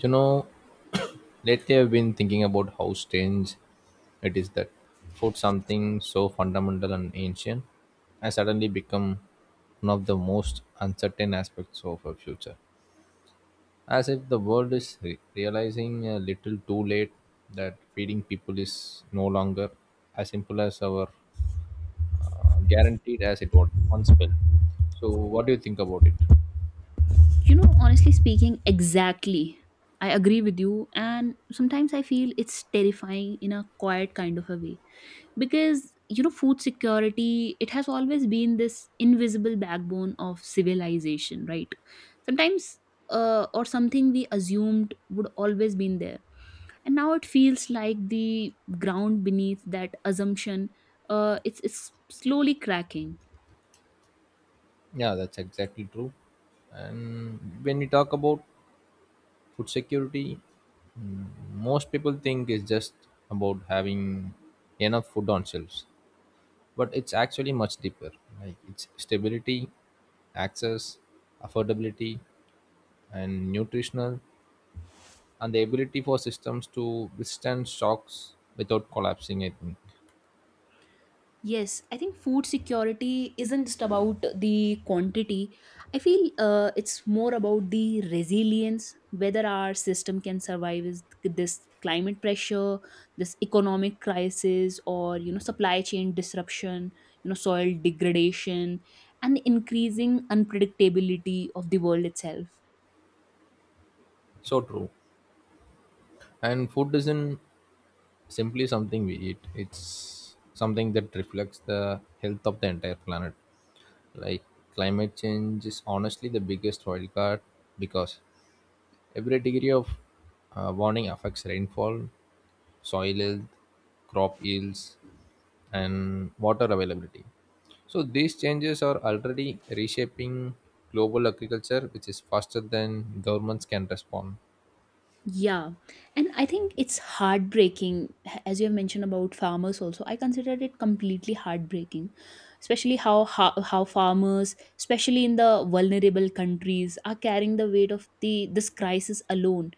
You know, lately I've been thinking about how strange it is that food, something so fundamental and ancient, has suddenly become one of the most uncertain aspects of our future, as if the world is realizing a little too late that feeding people is no longer as simple as our guaranteed as it was once felt. So what do you think about it? You know, honestly speaking, exactly. I agree with you, and sometimes I feel it's terrifying in a quiet kind of a way because you know, food security it has always been this invisible backbone of civilization, right? Sometimes, or something we assumed would always been there, and now it feels like the ground beneath that assumption, it's slowly cracking. Yeah, that's exactly true. And when we talk about food security, most people think it's just about having enough food on shelves, but it's actually much deeper. Like, it's stability, access, affordability, and nutritional, and the ability for systems to withstand shocks without collapsing, I think. Yes, I think food security isn't just about the quantity. I feel it's more about the resilience, whether our system can survive this climate pressure, this economic crisis, or you know supply chain disruption, you know soil degradation, and the increasing unpredictability of the world itself. So true. And food isn't simply something we eat, it's something that reflects the health of the entire planet. Like, climate change is honestly the biggest wildcard because every degree of warning affects rainfall, soil health, crop yields, and water availability. So these changes are already reshaping global agriculture, which is faster than governments can respond. Yeah, and I think it's heartbreaking, as you have mentioned about farmers also. I consider it completely heartbreaking, especially how farmers, especially in the vulnerable countries, are carrying the weight of the this crisis alone,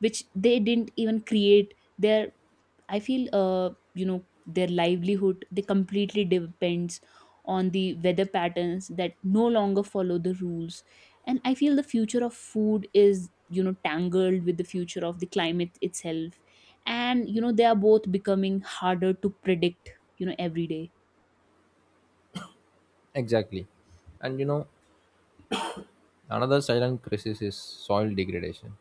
which they didn't even create. Their I feel you know their livelihood they completely depends on the weather patterns that no longer follow the rules, and I feel the future of food is you know tangled with the future of the climate itself, and you know they are both becoming harder to predict you know every day. Exactly. And you know, another silent crisis is soil degradation.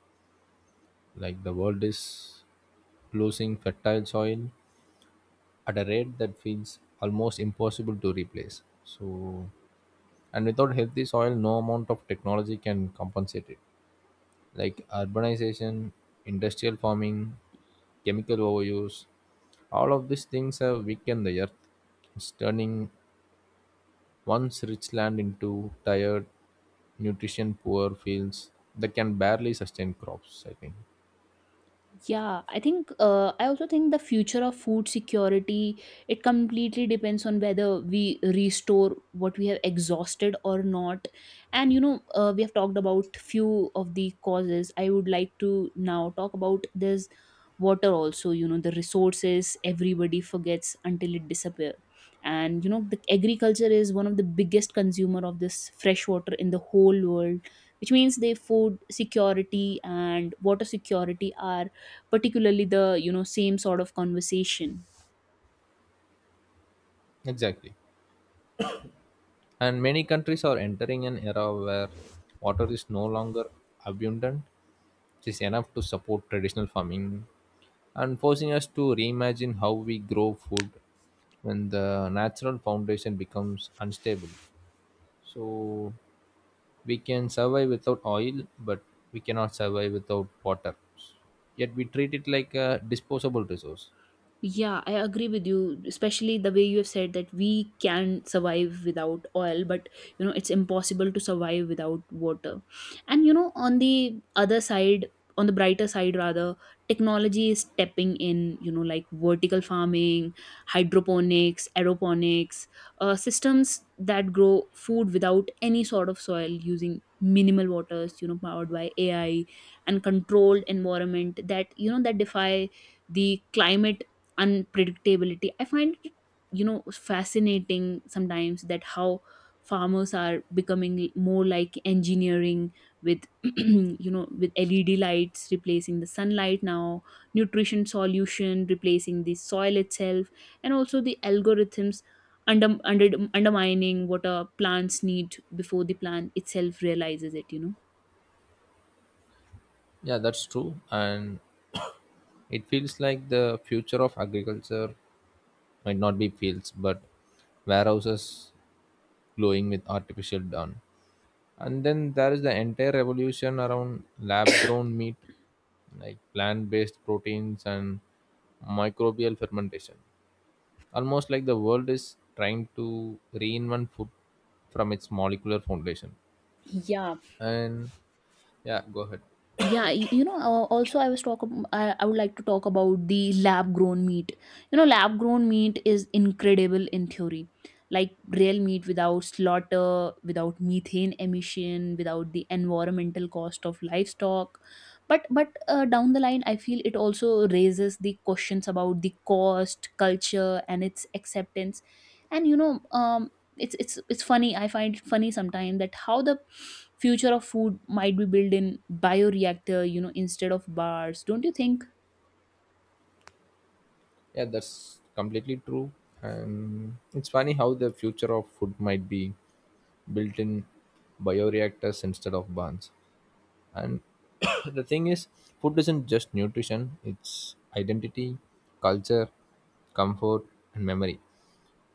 Like, the world is losing fertile soil at a rate that feels almost impossible to replace. So, and without healthy soil, no amount of technology can compensate it. Like urbanization, industrial farming, chemical overuse, all of these things have weakened the earth. It's turning once rich land into tired, nutrition poor fields that can barely sustain crops, I think. Yeah, I think I also think the future of food security it completely depends on whether we restore what we have exhausted or not. And you know, we have talked about few of the causes. I would like to now talk about this water also, you know, the resources everybody forgets until it disappear. And you know, the agriculture is one of the biggest consumer of this fresh water in the whole world, which means the food security and water security are particularly the you know same sort of conversation. Exactly. And many countries are entering an era where water is no longer abundant, which is enough to support traditional farming, and forcing us to reimagine how we grow food when the natural foundation becomes unstable. So we can survive without oil, but we cannot survive without water. Yet we treat it like a disposable resource. Yeah, I agree with you, especially the way you have said that we can survive without oil, but you know, it's impossible to survive without water. And you know, on the other side, on the brighter side rather, technology is stepping in, you know, like vertical farming, hydroponics, aeroponics, systems that grow food without any sort of soil using minimal waters, you know, powered by AI and controlled environment that, you know, that defy the climate unpredictability. I find it you know fascinating sometimes that how farmers are becoming more like engineering with you know with led lights replacing the sunlight now, nutrition solution replacing the soil itself, and also the algorithms undermining what a plants need before the plant itself realizes it you know. Yeah, that's true. And it feels like the future of agriculture might not be fields, but warehouses glowing with artificial dawn. And then there is the entire revolution around lab grown meat, like plant based proteins and microbial fermentation, almost like the world is trying to reinvent food from its molecular foundation. Yeah, And yeah, go ahead. yeah, you know, also I would like to talk about the lab grown meat. You know, lab grown meat is incredible in theory. Like real meat without slaughter, without methane emission, without the environmental cost of livestock. But down the line I feel it also raises the questions about the cost, culture and its acceptance. And you know, it's funny. I find it funny sometimes that how the future of food might be built in bioreactor you know instead of bars, don't you think? Yeah, that's completely true. And it's funny how the future of food might be built in bioreactors instead of barns. And the thing is, food isn't just nutrition, it's identity, culture, comfort, and memory.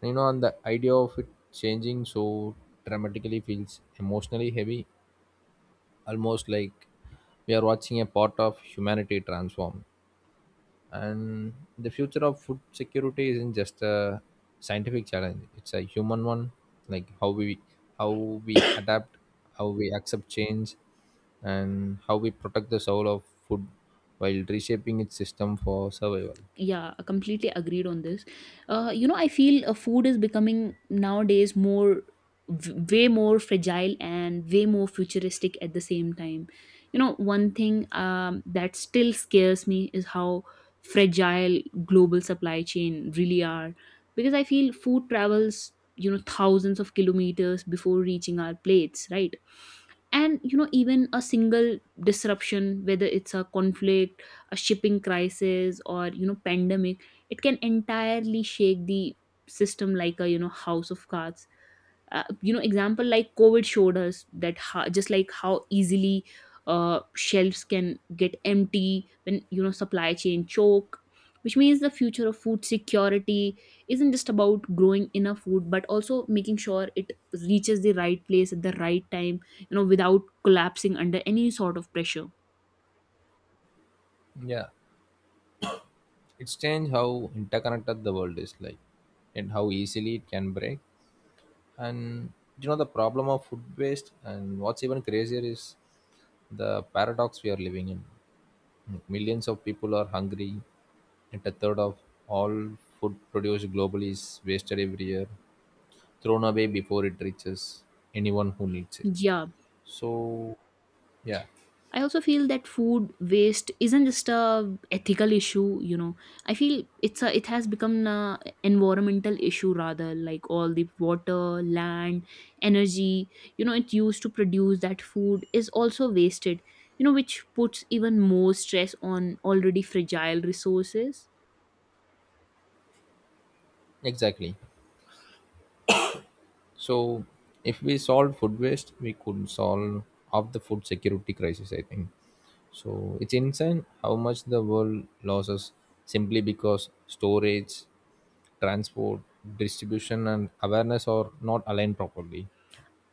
You know, and the idea of it changing so dramatically feels emotionally heavy, almost like we are watching a part of humanity transform. And the future of food security isn't just a scientific challenge; it's a human one. Like, how we adapt, how we accept change, and how we protect the soul of food while reshaping its system for survival. Yeah, completely agreed on this. You know, I feel food is becoming nowadays more way more fragile and way more futuristic at the same time. You know one thing that still scares me is how fragile global supply chain really are, because I feel food travels you know thousands of kilometers before reaching our plates, right? And you know even a single disruption, whether it's a conflict, a shipping crisis, or you know pandemic, it can entirely shake the system like a you know house of cards. You know, example like covid showed us that how, just like how easily shelves can get empty when you know supply chain choke, which means the future of food security isn't just about growing enough food but also making sure it reaches the right place at the right time you know without collapsing under any sort of pressure. Yeah, it's changed how interconnected the world is, like, and how easily it can break. And you know, the problem of food waste, and what's even crazier is the paradox we are living in. Like, millions of people are hungry and a third of all food produced globally is wasted every year, thrown away before it reaches anyone who needs it. Yeah. So yeah, I also feel that food waste isn't just a ethical issue, you know. I feel it's a it has become an environmental issue rather, like all the water, land, energy, you know, it used to produce that food is also wasted, you know, which puts even more stress on already fragile resources. exactly. So, if we solve food waste, we could solve of the food security crisis. I think so. It's insane how much the world loses simply because storage, transport, distribution, and awareness are not aligned properly.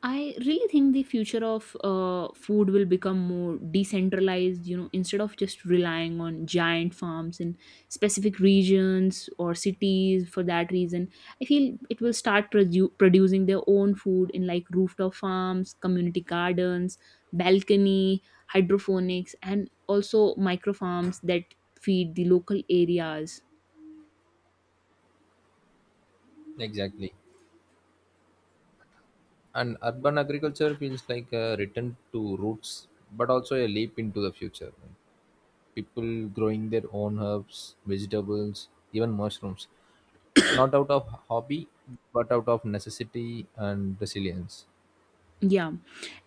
I really think the future of food will become more decentralized, you know, instead of just relying on giant farms in specific regions or cities for that reason. I feel it will start producing their own food in like rooftop farms, community gardens, balcony, hydroponics, and also micro farms that feed the local areas. Exactly. And urban agriculture feels like a return to roots, but also a leap into the future. People growing their own herbs, vegetables, even mushrooms, not out of hobby but out of necessity and resilience. Yeah,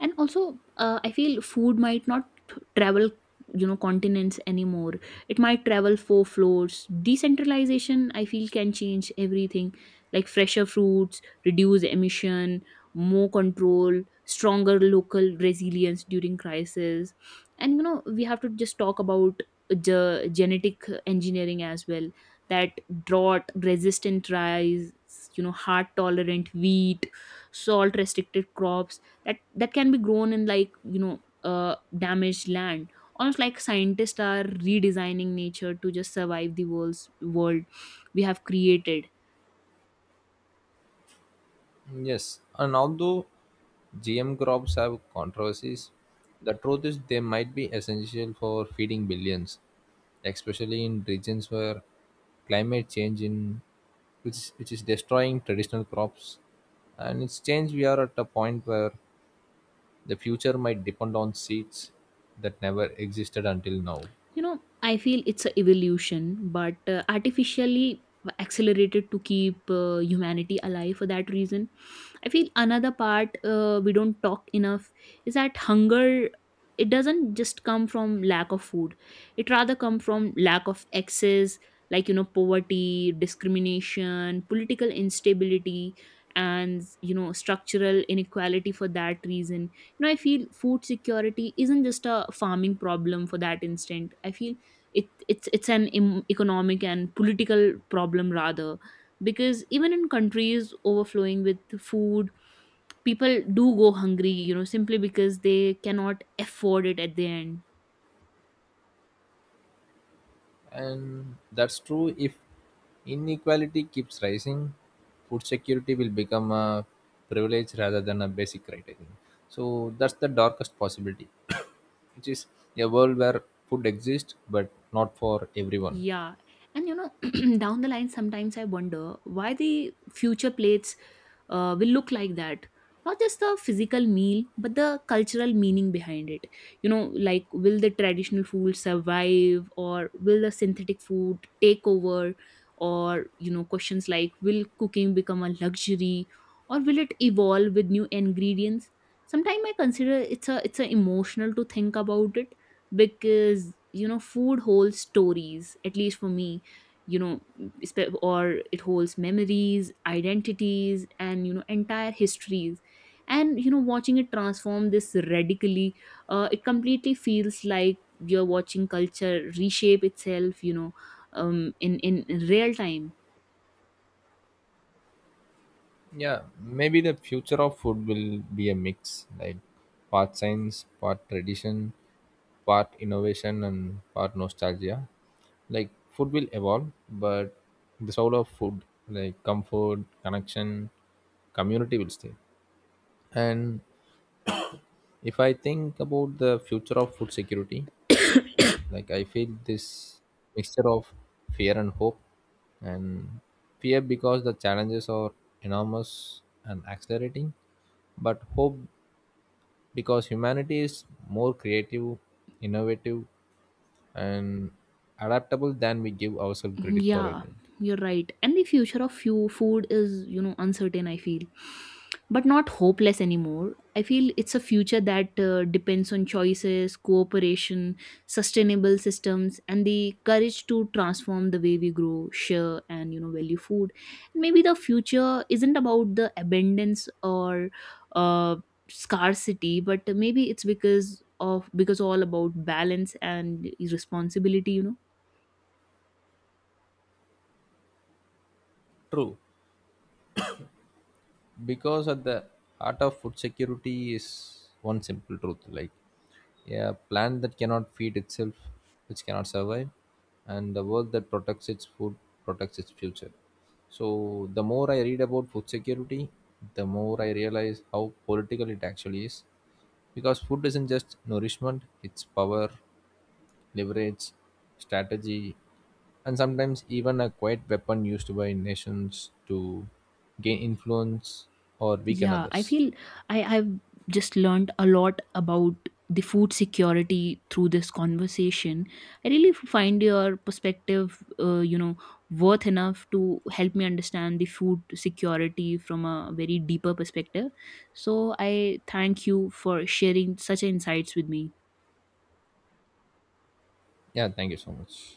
and also I feel food might not travel you know continents anymore, it might travel four floors. Decentralization I feel can change everything, like fresher fruits, reduce emission, more control, stronger local resilience during crisis. And you know we have to just talk about the genetic engineering as well, that drought resistant rice, you know heart tolerant wheat, salt restricted crops, that can be grown in like you know damaged land, almost like scientists are redesigning nature to just survive the world's world we have created. Yes, and although GM crops have controversies, the truth is they might be essential for feeding billions, especially in regions where climate change in which is destroying traditional crops. And it's changed, we are at a point where the future might depend on seeds that never existed until now. You know, I feel it's a evolution but artificially accelerated to keep humanity alive for that reason. I feel another part we don't talk enough is that hunger, it doesn't just come from lack of food, it rather come from lack of access, like you know poverty, discrimination, political instability, and you know structural inequality for that reason. Know, I feel food security isn't just a farming problem for that instant. I feel it's an economic and political problem rather, because even in countries overflowing with food, people do go hungry, you know, simply because they cannot afford it at the end. And that's true, if inequality keeps rising, food security will become a privilege rather than a basic right, I think. So that's the darkest possibility, which is a world where food exists but not for everyone. Yeah. And you know, down the line, sometimes I wonder why the future plates will look like that. Not just the physical meal, but the cultural meaning behind it. You know, like will the traditional food survive or will the synthetic food take over? Or, you know, questions like will cooking become a luxury or will it evolve with new ingredients? Sometimes I consider it's a emotional to think about it, because you know food holds stories at least for me, you know, or it holds memories, identities and you know entire histories, and you know watching it transform this radically, it completely feels like you're watching culture reshape itself you know, in real time. Yeah, maybe the future of food will be a mix, like part science, part tradition, part innovation, and part nostalgia. Like, food will evolve, but the soul of food, like comfort, connection, community, will stay. And if I think about the future of food security, like, I feel this mixture of fear and hope. And fear because the challenges are enormous and accelerating, but hope because humanity is more creative, innovative, and adaptable than we give ourselves credit for, I Yeah, think. you're right. And the future of food is, you know, uncertain, I feel. But not hopeless anymore. I feel it's a future that depends on choices, cooperation, sustainable systems, and the courage to transform the way we grow, share, and, you know, value food. Maybe the future isn't about the abundance or uh, scarcity, but maybe it's because of because all about balance and responsibility, you know. True. Because at the heart of food security is one simple truth, like, a plant that cannot feed itself, which cannot survive, and the world that protects its food protects its future. So the more I read about food security, the more I realize how political it actually is, because food isn't just nourishment, it's power, leverage, strategy, and sometimes even a quiet weapon used by nations to gain influence or weaken Yeah, I others. feel I have just learned a lot about the food security through this conversation. I really find your perspective, you know, worth enough to help me understand the food security from a very deeper perspective. So I thank you for sharing such insights with me. Yeah, thank you so much.